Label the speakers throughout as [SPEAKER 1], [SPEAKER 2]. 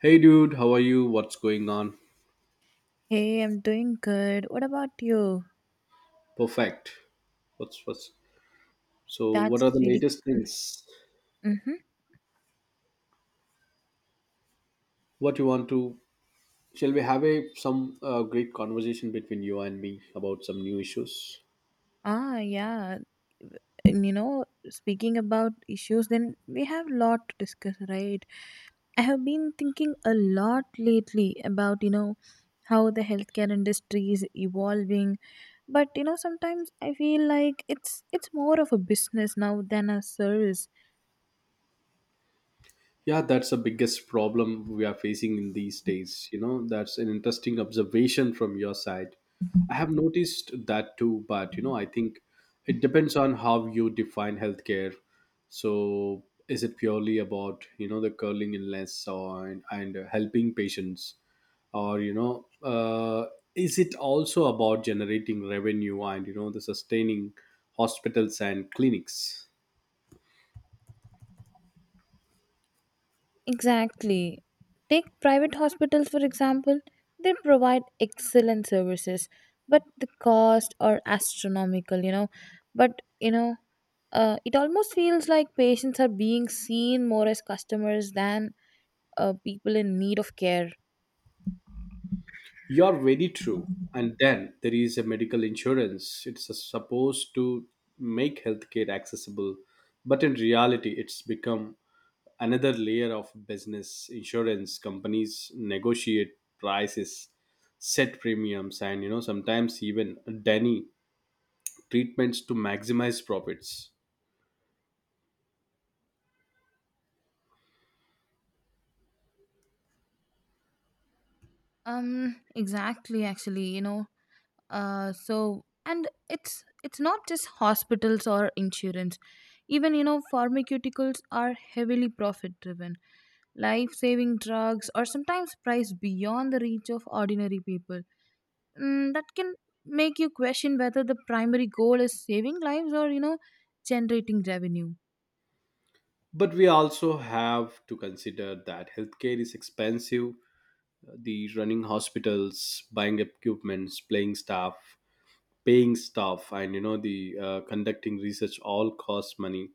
[SPEAKER 1] Hey dude, how are you? What's going on?
[SPEAKER 2] Hey, I'm doing good. What about you?
[SPEAKER 1] Perfect. What's so? What are
[SPEAKER 2] That's
[SPEAKER 1] the
[SPEAKER 2] really.
[SPEAKER 1] latest things?
[SPEAKER 2] Mm-hmm.
[SPEAKER 1] What you want to? Shall we have a some great conversation between you and me about some new issues?
[SPEAKER 2] Ah, yeah. And you know, Speaking about issues, then we have a lot to discuss, right? I have been thinking a lot lately about, how the healthcare industry is evolving. But you know, sometimes I feel like it's more of a business now than a service.
[SPEAKER 1] Yeah, that's the biggest problem we are facing in these days. That's an interesting observation from your side. I have noticed that too, but I think it depends on how you define healthcare. So, is it purely about the curling illness or and helping patients, or is it also about generating revenue and the sustaining hospitals and clinics?
[SPEAKER 2] Exactly. Take private hospitals, for example. They provide excellent services, but the cost are astronomical, you know. But, it almost feels like patients are being seen more as customers than people in need of care.
[SPEAKER 1] You're very true. And then there is a medical insurance. It's supposed to make healthcare accessible, but in reality, it's become another layer of business. Insurance companies negotiate prices, set premiums, and sometimes even deny treatments to maximize profits.
[SPEAKER 2] Exactly, actually, you know. So and it's not just hospitals or insurance, even you know pharmaceuticals are heavily profit driven. Life saving drugs are sometimes priced beyond the reach of ordinary people. That can make you question whether the primary goal is saving lives or, you know, generating revenue.
[SPEAKER 1] But we also have to consider that healthcare is expensive. The running hospitals, buying equipments, paying staff, and you know the conducting research all costs money.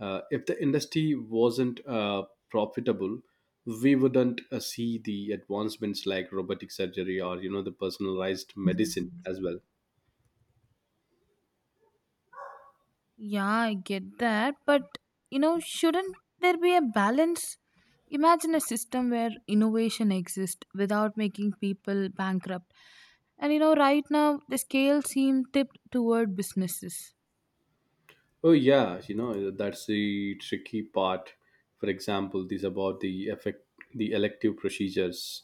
[SPEAKER 1] If the industry wasn't profitable, we wouldn't see the advancements like robotic surgery or you know the personalized medicine as well.
[SPEAKER 2] Yeah, I get that. But, you know, shouldn't there be a balance? Imagine a system where innovation exists without making people bankrupt. And, you know, right now the scale seems tipped toward businesses.
[SPEAKER 1] Oh yeah, that's the tricky part. For example, these about the effect, the elective procedures,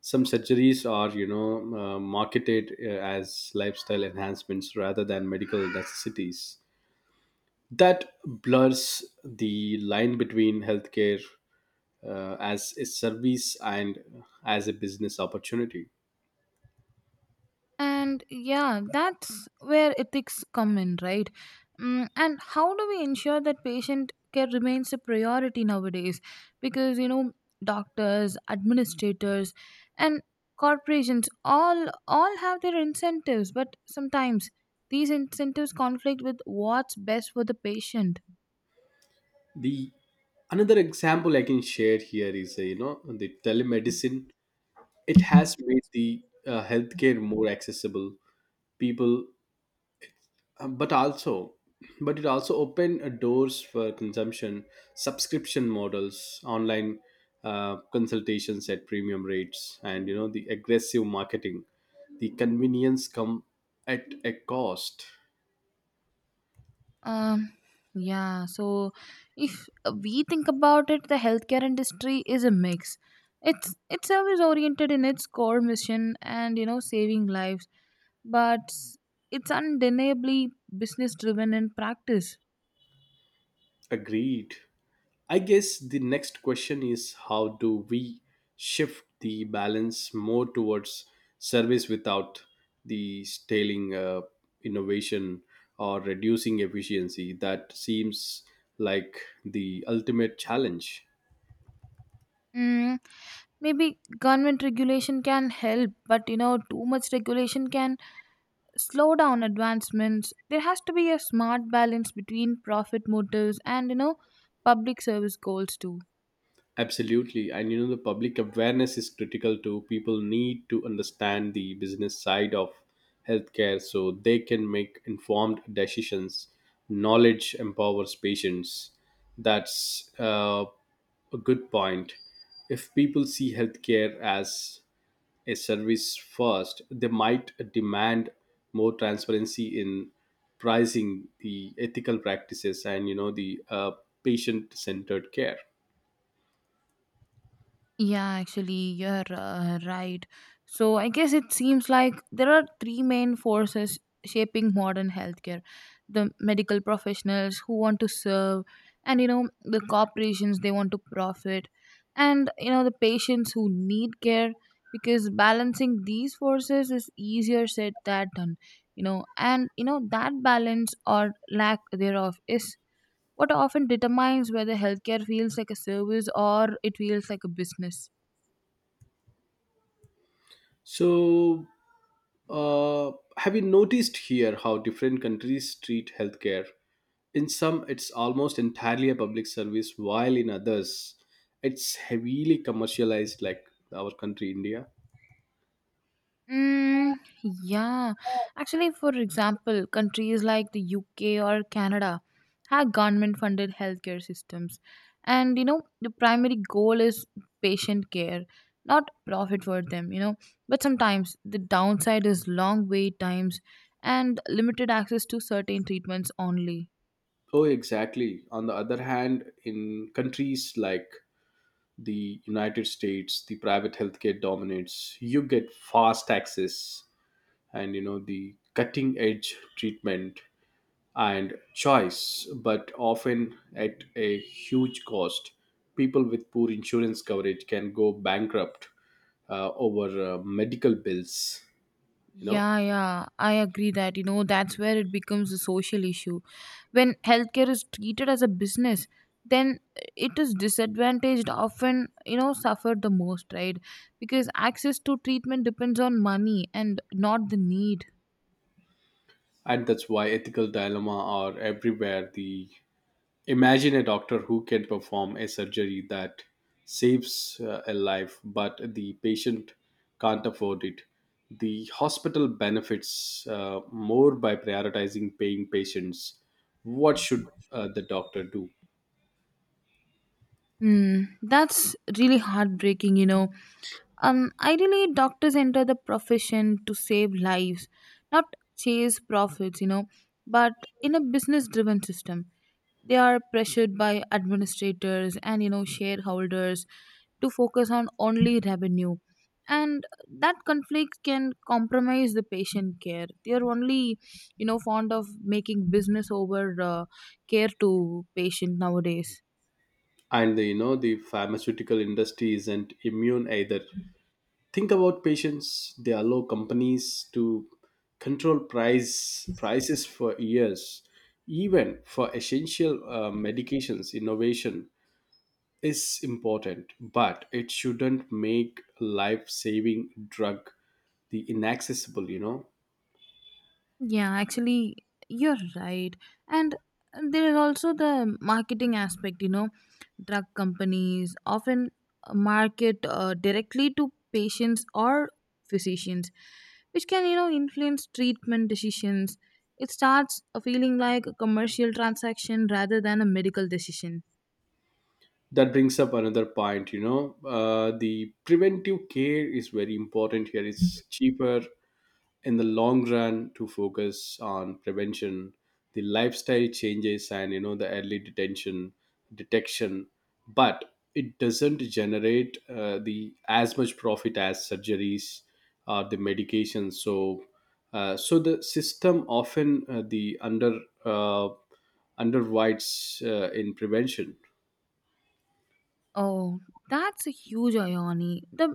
[SPEAKER 1] some surgeries are marketed as lifestyle enhancements rather than medical necessities. That blurs the line between healthcare as a service and as a business opportunity.
[SPEAKER 2] And yeah, that's where ethics come in, right? And how do we ensure that patient care remains a priority nowadays? Because, you know, doctors, administrators, and corporations all have their incentives, but sometimes these incentives conflict with what's best for the patient.
[SPEAKER 1] The another example I can share here is the telemedicine. It has made the healthcare more accessible. People but also But it also opened doors for consumption, subscription models online, consultations at premium rates and you know the aggressive marketing. The convenience come at a cost.
[SPEAKER 2] Um, yeah, so if we think about it, the healthcare industry is a mix. It's service oriented in its core mission and, you know, saving lives, but it's undeniably business driven in practice.
[SPEAKER 1] Agreed. I guess the next question is how do we shift the balance more towards service without the staling innovation or reducing efficiency? That seems like the ultimate challenge.
[SPEAKER 2] Mm, maybe government regulation can help, but you know too much regulation can slow down advancements. There has to be a smart balance between profit motives and, you know, public service goals too.
[SPEAKER 1] Absolutely. And the public awareness is critical too. People need to understand the business side of healthcare so they can make informed decisions. Knowledge empowers patients. That's a good point. If people see healthcare as a service first, they might demand more transparency in pricing, the ethical practices and you know the patient centered care.
[SPEAKER 2] Yeah, actually, you're right. So, I guess it seems like there are three main forces shaping modern healthcare: the medical professionals who want to serve, and you know, the corporations they want to profit, and you know, the patients who need care, because balancing these forces is easier said than done, you know, and you know, that balance or lack thereof is what often determines whether healthcare feels like a service or it feels like a business.
[SPEAKER 1] So Uh, have you noticed here how different countries treat healthcare? In some, it's almost entirely a public service, while in others, it's heavily commercialized, like our country, India.
[SPEAKER 2] Mm, yeah. Actually, for example, countries like the UK or Canada have government funded healthcare systems. And, you know, the primary goal is patient care, not profit for them, you know. But sometimes the downside is long wait times and limited access to certain treatments only.
[SPEAKER 1] Oh, exactly. On the other hand, in countries like the United States, the private healthcare dominates. You get fast access and you know the cutting edge treatment and choice, but often at a huge cost. People with poor insurance coverage can go bankrupt over medical bills. you know,
[SPEAKER 2] Yeah, yeah, I agree that you know that's where it becomes a social issue. When healthcare is treated as a business, then it is disadvantaged often, you know, suffered the most, right? Because access to treatment depends on money and not the need.
[SPEAKER 1] and that's why ethical dilemma are everywhere. The imagine a doctor who can perform a surgery that saves a life, but the patient can't afford it. The hospital benefits more by prioritizing paying patients. What should the doctor do?
[SPEAKER 2] Hmm, that's really heartbreaking, you know. Ideally, doctors enter the profession to save lives, not chase profits, you know. But in a business driven system, they are pressured by administrators and, you know, shareholders to focus on only revenue, and that conflict can compromise the patient care. They are only you know fond of making business over care to patient nowadays.
[SPEAKER 1] And the, you know the pharmaceutical industry isn't immune either. Think about patients, they allow companies to control prices for years, even for essential medications. Innovation is important, but it shouldn't make life saving drug the inaccessible.
[SPEAKER 2] Yeah, actually, you're right. And there is also the marketing aspect, you know, drug companies often market directly to patients or physicians, which can, you know, influence treatment decisions. It starts a feeling like a commercial transaction rather than a medical decision.
[SPEAKER 1] That brings up another point. The preventive care is very important here. It's cheaper in the long run to focus on prevention, the lifestyle changes and you know the early detention detection. But it doesn't generate the as much profit as surgeries or the medication. So the system often the under uh, underwrites in prevention.
[SPEAKER 2] Oh, that's a huge irony. The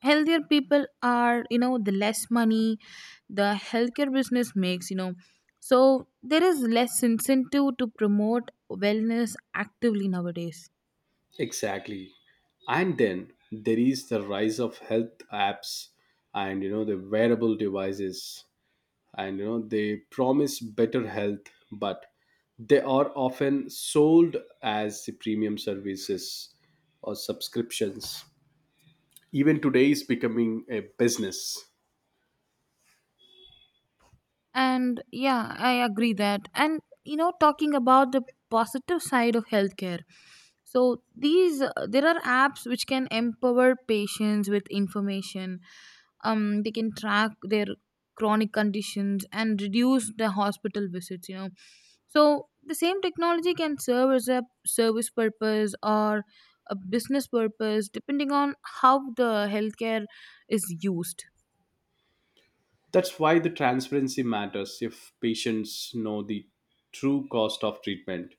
[SPEAKER 2] healthier people are, you know, the less money the healthcare business makes, you know, so there is less incentive to promote wellness actively nowadays.
[SPEAKER 1] Exactly. And then there is the rise of health apps and you know the wearable devices, and they promise better health, but they are often sold as the premium services or subscriptions. Even today is becoming a business.
[SPEAKER 2] And yeah, I agree that. And you know, talking about the positive side of healthcare, so these there are apps which can empower patients with information. Um, they can track their chronic conditions and reduce the hospital visits, you know. So the same technology can serve as a service purpose or a business purpose depending on how the healthcare is used.
[SPEAKER 1] That's why the transparency matters. If patients know the true cost of treatment,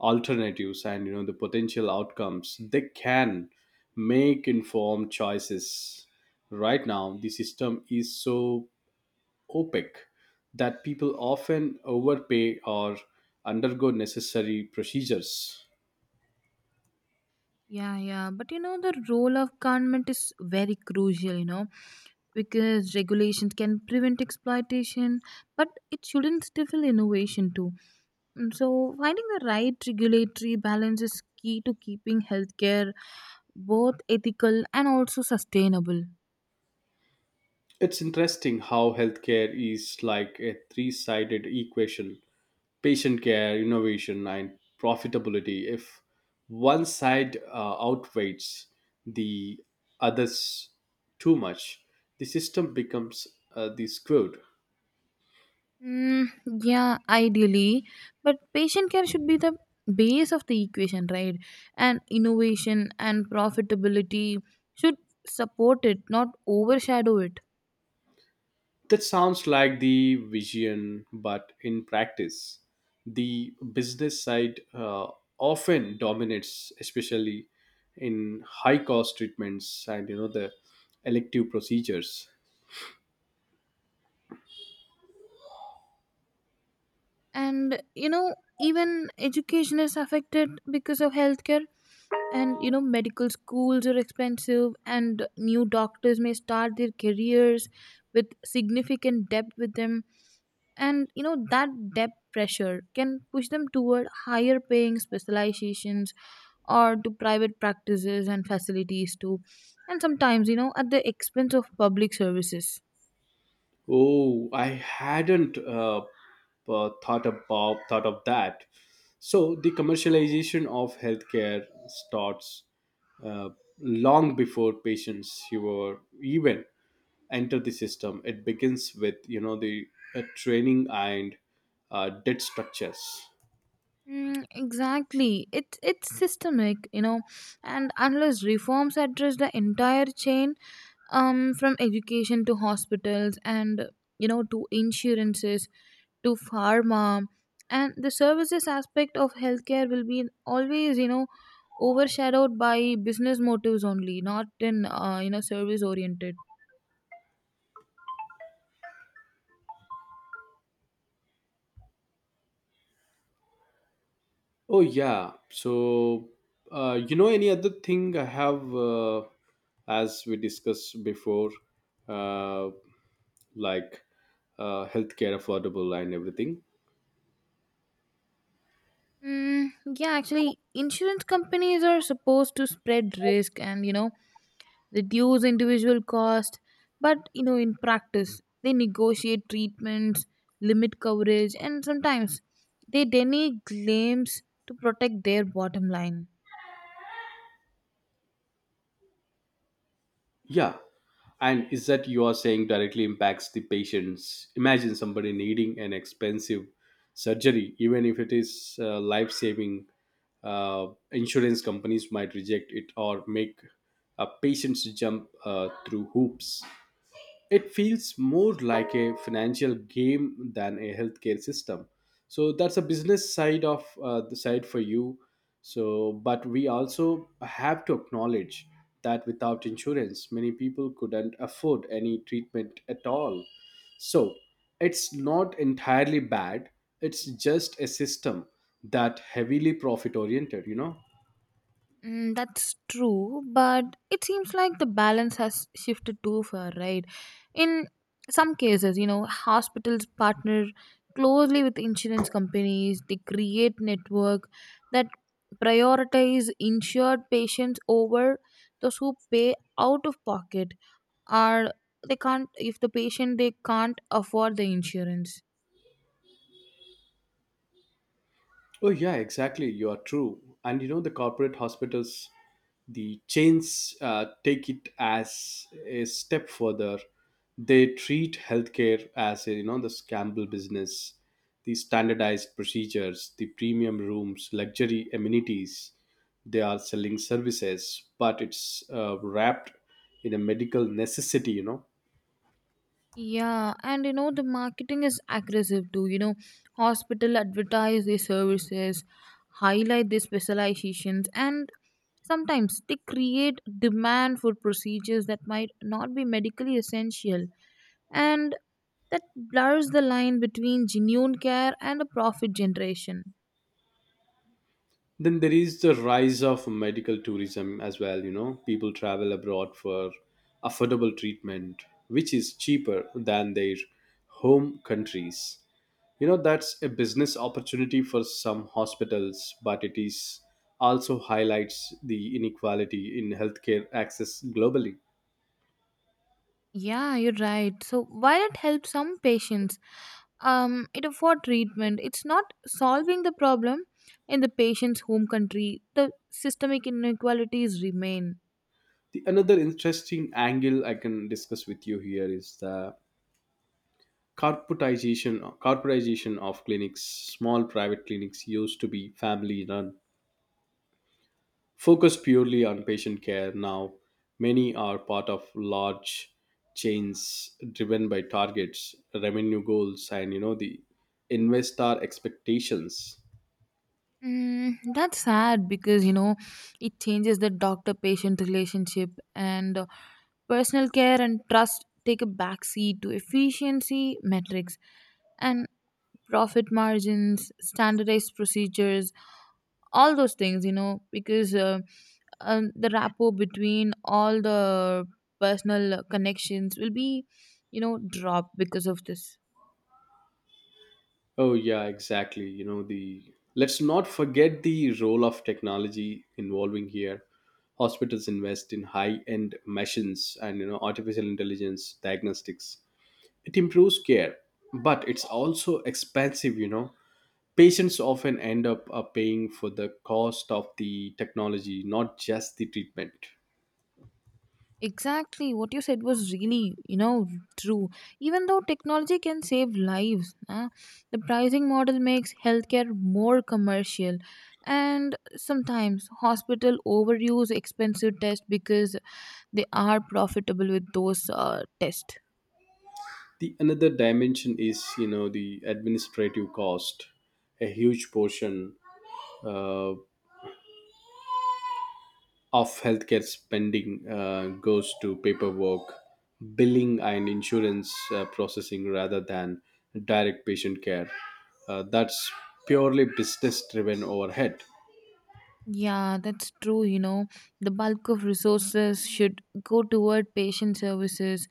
[SPEAKER 1] alternatives and you know the potential outcomes, they can make informed choices. Right now the system is so opaque that people often overpay or undergo necessary procedures.
[SPEAKER 2] Yeah, yeah, but you know the role of government is very crucial, you know, because regulations can prevent exploitation, but it shouldn't stifle innovation too. So finding the right regulatory balance is key to keeping healthcare both ethical and also sustainable.
[SPEAKER 1] It's interesting how healthcare is like a three sided equation: patient care, innovation, and profitability. If one side outweighs the others too much, the system becomes the screwed.
[SPEAKER 2] Mm, yeah, ideally, but patient care should be the base of the equation, right? And innovation and profitability should support it, not overshadow it.
[SPEAKER 1] That sounds like the vision, but in practice, the business side often dominates, especially in high cost treatments and you know the elective procedures.
[SPEAKER 2] And you know, even education is affected because of healthcare. And you know medical schools are expensive and new doctors may start their careers with significant debt with them, and you know that debt pressure can push them toward higher paying specializations or to private practices and facilities too, and sometimes you know at the expense of public services.
[SPEAKER 1] Oh, I hadn't thought of that. So the commercialization of healthcare starts uh, long before patients who were even enter the system. It begins with you know the training and debt structures.
[SPEAKER 2] Mm, exactly. It's systemic, you know, and unless reforms address the entire chain, um, from education to hospitals and you know to insurances to pharma, and the services aspect of healthcare will be always, you know, overshadowed by business motives only, not in you know service oriented.
[SPEAKER 1] Oh yeah. So any other thing I have, as we discussed before, uh, like healthcare affordable and everything.
[SPEAKER 2] Mm, yeah, actually, insurance companies are supposed to spread risk and, you know, reduce individual cost, but you know in practice they negotiate treatments, limit coverage, and sometimes they deny claims to protect their bottom line.
[SPEAKER 1] Yeah. And is that you are saying directly impacts the patients? Imagine somebody needing an expensive surgery, even if it is life saving. Insurance companies might reject it or make patients jump through hoops. It feels more like a financial game than a healthcare system. So that's a business side of the side for you. So, but we also have to acknowledge that without insurance, many people couldn't afford any treatment at all. So it's not entirely bad. It's just a system that heavily profit oriented.
[SPEAKER 2] Mm, that's true, but it seems like the balance has shifted too far, right? In some cases, you know, hospitals partner closely with insurance companies, they create network that prioritize insured patients over those who pay out of pocket, or they can't if the patient they can't afford the insurance.
[SPEAKER 1] Oh, yeah, exactly. You are true. And the corporate hospitals, the chains take it as a step further. They treat healthcare as a, the scramble business, the standardized procedures, the premium rooms, luxury amenities. They are selling services, but it's wrapped in a medical necessity.
[SPEAKER 2] Yeah, and you know, the marketing is aggressive too. You know, hospital advertise their services, highlight their specializations, and sometimes they create demand for procedures that might not be medically essential. And that blurs the line between genuine care and a profit generation.
[SPEAKER 1] Then there is the rise of medical tourism as well. People travel abroad for affordable treatment, which is cheaper than their home countries. That's a business opportunity for some hospitals, but it is also highlights the inequality in healthcare access globally.
[SPEAKER 2] Yeah, you're right. So while it helps some patients, it afford treatment. It's not solving the problem in the patient's home country. The systemic inequalities remain.
[SPEAKER 1] The another interesting angle I can discuss with you here is the corporatization of clinics. Small private clinics used to be family run, focus purely on patient care. Now many are part of large chains driven by targets, revenue goals and you know the investor expectations.
[SPEAKER 2] Mm, that's sad because you know it changes the doctor-patient relationship, and personal care and trust take a backseat to efficiency metrics and profit margins, standardized procedures, all those things, you know, because the rapport between all the personal connections will be, you know, dropped because of this.
[SPEAKER 1] Oh yeah, exactly. you know the Let's not forget the role of technology involving here. Hospitals invest in high end machines and artificial intelligence diagnostics. It improves care but it's also expensive. Patients often end up paying for the cost of the technology, not just the treatment.
[SPEAKER 2] Exactly what you said was really, you know, true. Even though technology can save lives, the pricing model makes healthcare more commercial, and sometimes hospital overuse expensive tests because they are profitable with those tests.
[SPEAKER 1] The another dimension is, the administrative cost. A huge portion uh, of healthcare spending goes to paperwork, billing, and insurance processing rather than direct patient care. That's purely business-driven overhead.
[SPEAKER 2] Yeah, that's true. You know, the bulk of resources should go toward patient services,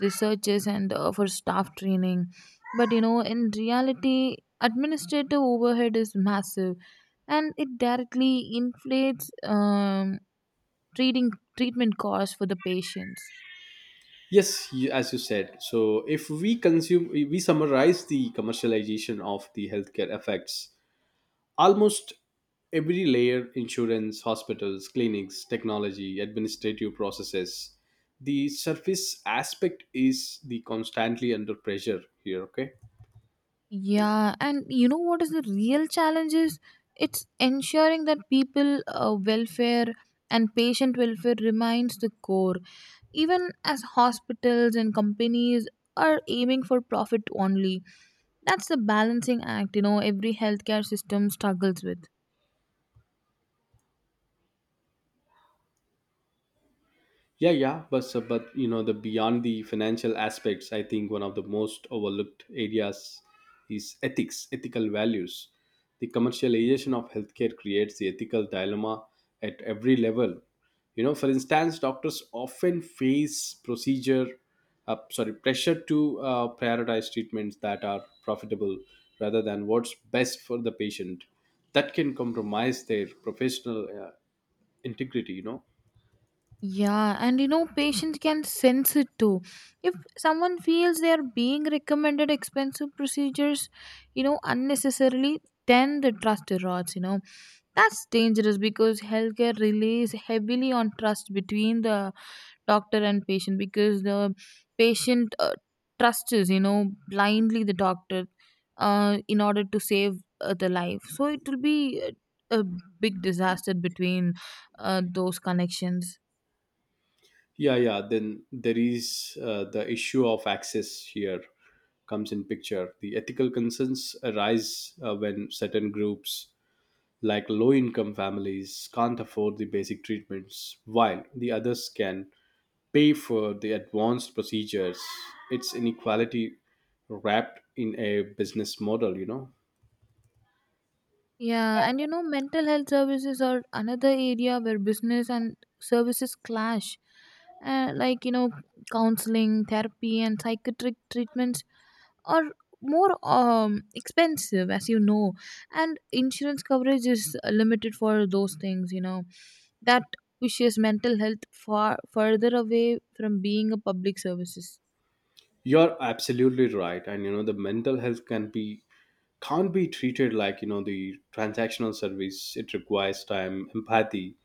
[SPEAKER 2] researchers, and for staff training. But you know, in reality, administrative overhead is massive, and it directly inflates treating treatment costs for the patients.
[SPEAKER 1] Yes, you, as you said. So, if we consume, we summarize the commercialization of the healthcare effects, almost every layer: insurance, hospitals, clinics, technology, administrative processes. The surface aspect is the constantly under pressure here, okay?
[SPEAKER 2] Yeah, and you know what is the real challenge is? It's ensuring that people welfare and patient welfare remains the core, even as hospitals and companies are aiming for profit only. That's the balancing act, you know, every healthcare system struggles with.
[SPEAKER 1] Yeah, yeah, but the beyond the financial aspects, I think one of the most overlooked areas is ethics, ethical values. The commercialization of healthcare creates the ethical dilemma at every level. For instance, doctors often face pressure to prioritize treatments that are profitable rather than what's best for the patient. That can compromise their professional integrity.
[SPEAKER 2] Yeah, and you know, patients can sense it too. If someone feels they are being recommended expensive procedures, you know, unnecessarily, then the trust erodes, you know. That's dangerous because healthcare relies heavily on trust between the doctor and patient, because the patient trusts, you know, blindly the doctor in order to save the life. So it will be a big disaster between those connections.
[SPEAKER 1] Yeah, yeah, then there is the issue of access here comes in picture. The ethical concerns arise when certain groups like low income families can't afford the basic treatments while the others can pay for the advanced procedures. It's inequality wrapped in a business model.
[SPEAKER 2] Yeah, and you know, mental health services are another area where business and services clash. Like, you know, counseling, therapy, and psychiatric treatments are more expensive, as you know, and insurance coverage is limited for those things, you know. That pushes mental health far further away from being a public services.
[SPEAKER 1] You're absolutely right. And the mental health can't be treated like the transactional service. It requires time, empathy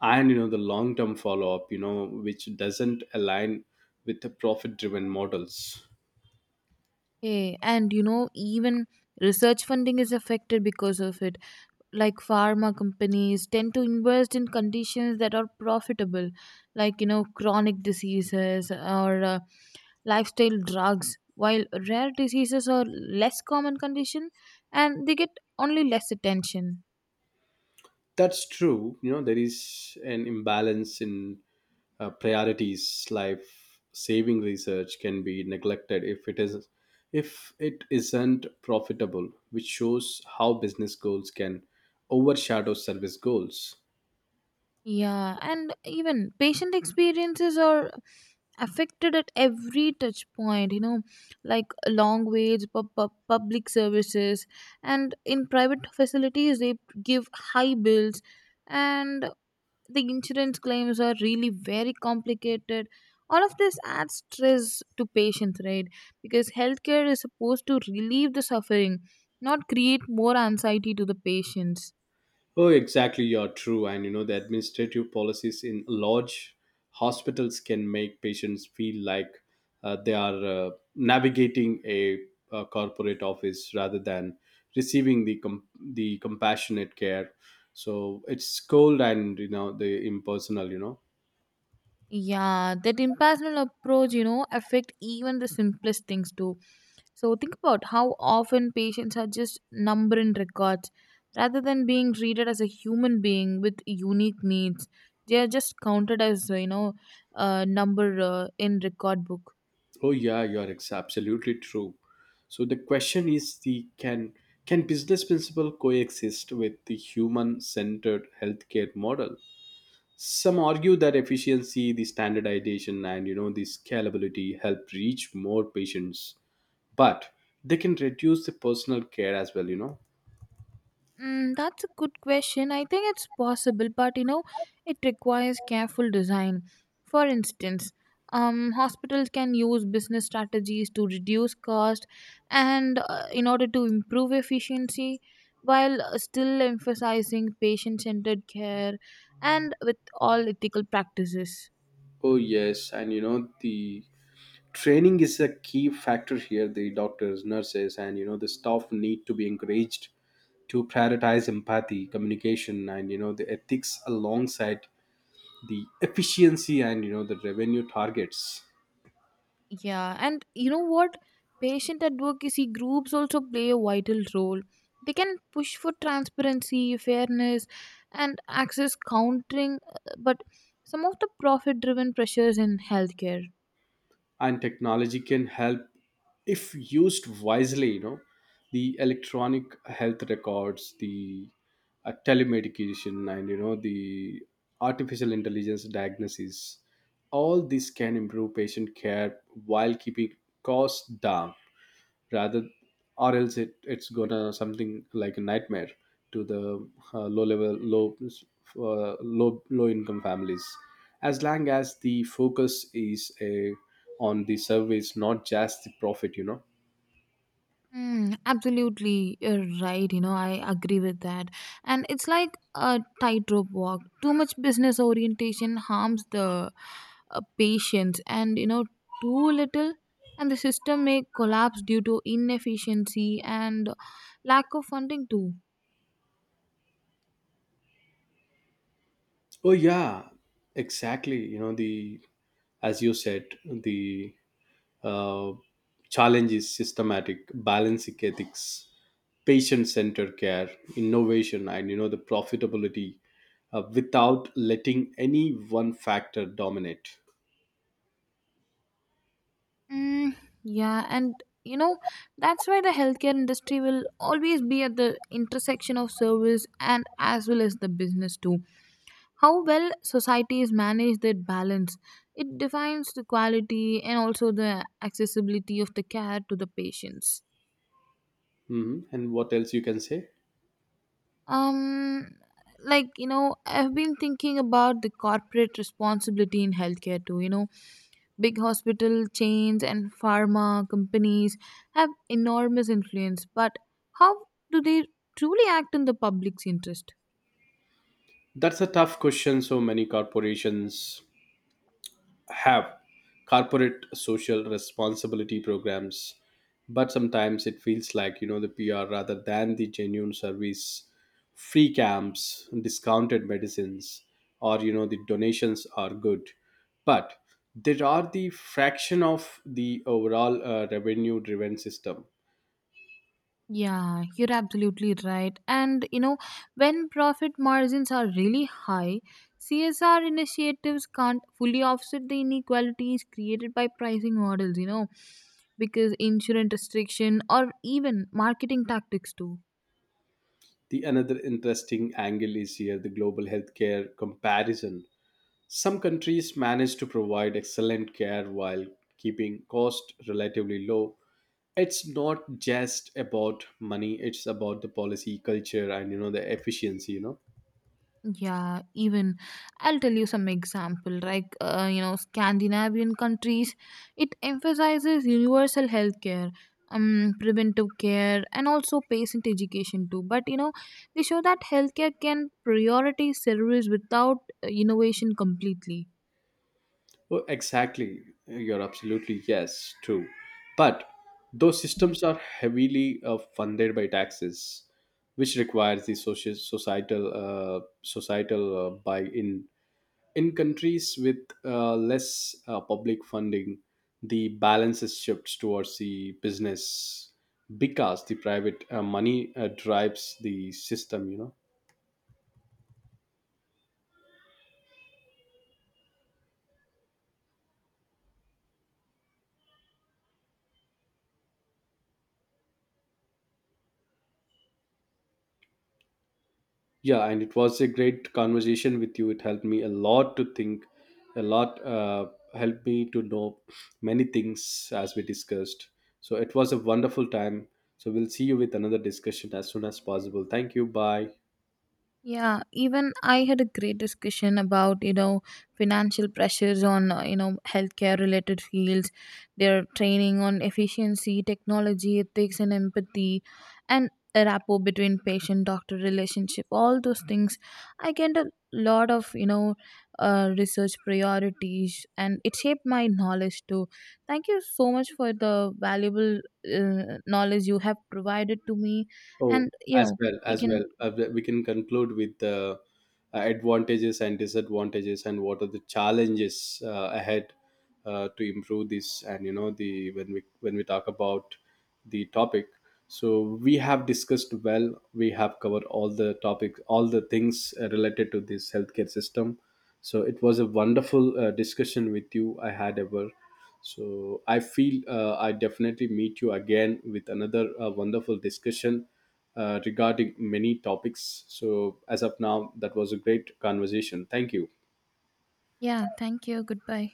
[SPEAKER 1] and the long term follow up, which doesn't align with the profit driven models.
[SPEAKER 2] Hey, and you know, even research funding is affected because of it, like pharma companies tend to invest in conditions that are profitable, like you know chronic diseases or lifestyle drugs, while rare diseases are less common condition and they get only less attention.
[SPEAKER 1] That's true. There is an imbalance in priorities. Life saving research can be neglected if it isn't profitable, which shows how business goals can overshadow service goals.
[SPEAKER 2] Yeah, and even patient experiences are affected at every touch point, you know, like long waits, public services, and in private facilities they give high bills, and the insurance claims are really very complicated. All of this adds stress to patients, right? Because healthcare is supposed to relieve the suffering, not create more anxiety to the patients.
[SPEAKER 1] Oh, exactly. You're true. And the administrative policies in large hospitals can make patients feel like they are navigating a corporate office rather than receiving the the compassionate care. So it's cold and you know the impersonal.
[SPEAKER 2] Yeah, that impersonal approach, you know, affect even the simplest things too. So think about how often patients are just number in records rather than being treated as a human being with unique needs. They are just counted as, you know, a number in record book.
[SPEAKER 1] Oh yeah, you're absolutely true. So the question is the can business principle coexist with the human centered healthcare model? Some argue that efficiency, the standardization and you know the scalability help reach more patients, but they can reduce the personal care as well.
[SPEAKER 2] That's a good question. I think it's possible, but you know, it requires careful design. For instance, hospitals can use business strategies to reduce cost and in order to improve efficiency while still emphasizing patient centered care and with all ethical practices.
[SPEAKER 1] Oh yes, and you know the training is a key factor here. The doctors, nurses and you know the staff need to be encouraged to prioritize empathy, communication and you know the ethics alongside the efficiency and you know the revenue targets.
[SPEAKER 2] Yeah, and you know what? Patient advocacy groups also play a vital role. They can push for transparency, fairness, and access countering, but some of the profit driven pressures in healthcare.
[SPEAKER 1] And technology can help if used wisely. The electronic health records, the telemedication and you know the artificial intelligence diagnosis, all this can improve patient care while keeping costs down. Rather or else it's gonna something like a nightmare to the low level low income families, as long as the focus is on the service, not just the profit.
[SPEAKER 2] Mm, absolutely, you're right. You know, I agree with that. And it's like a tightrope walk. Too much business orientation harms the patients, and you know, too little, and the system may collapse due to inefficiency and lack of funding too.
[SPEAKER 1] Oh yeah, exactly. you know the As you said, the uh, challenge is systematic: balancing ethics, patient-centered care, innovation and you know the profitability, without letting any one factor dominate.
[SPEAKER 2] Mm, yeah, and you know, that's why the healthcare industry will always be at the intersection of service and as well as the business too. How well societies manage that balance, it defines the quality and also the accessibility of the care to the patients.
[SPEAKER 1] Hmm. And what else you can say?
[SPEAKER 2] Um, like you know, I've been thinking about the corporate responsibility in healthcare too. You know, big hospital chains and pharma companies have enormous influence, but how do they truly act in the public's interest?
[SPEAKER 1] That's a tough question. So many corporations have corporate social responsibility programs, but sometimes it feels like you know the PR rather than the genuine service. Free camps, discounted medicines, or you know the donations are good, but there are the fraction of the overall revenue driven system.
[SPEAKER 2] Yeah, you're absolutely right. And you know, when profit margins are really high, CSR initiatives can't fully offset the inequalities created by pricing models, you know, because insurance restriction or even marketing tactics too.
[SPEAKER 1] The another interesting angle is here the global healthcare comparison. Some countries manage to provide excellent care while keeping costs relatively low. It's not just about money, it's about the policy, culture, and you know the efficiency.
[SPEAKER 2] Yeah, even I'll tell you some example like you know Scandinavian countries. It emphasizes universal health care, um, preventive care and also patient education too, but you know they show that healthcare can prioritize service without innovation completely.
[SPEAKER 1] Well, exactly. You're absolutely yes, true. But those systems are heavily funded by taxes, which requires the social societal buy-in. In countries with less public funding, the balance shifts towards the business because the private money drives the system. Yeah, and it was a great conversation with you. It helped me a lot to think, a lot helped me to know many things as we discussed. So it was a wonderful time. So we'll see you with another discussion as soon as possible. Thank you. Bye.
[SPEAKER 2] Yeah, even I had a great discussion about, you know, financial pressures on, you know, healthcare related fields, their training on efficiency, technology, ethics, and empathy, and a rapport between patient doctor relationship, all those things. I get a lot of, you know, research priorities and it shaped my knowledge too. Thank you so much for the valuable knowledge you have provided to me.
[SPEAKER 1] Oh,
[SPEAKER 2] And, you
[SPEAKER 1] as
[SPEAKER 2] know,
[SPEAKER 1] well,
[SPEAKER 2] we
[SPEAKER 1] as
[SPEAKER 2] can.
[SPEAKER 1] well. We can conclude with the advantages and disadvantages and what are the challenges ahead to improve this and you know the when we talk about the topic. So we have discussed, well, we have covered all the topics, all the things related to this healthcare system. So it was a wonderful discussion with you I had ever. So I feel I definitely meet you again with another wonderful discussion regarding many topics. So, as of now, that was a great conversation. Thank you.
[SPEAKER 2] Yeah, thank you. Goodbye.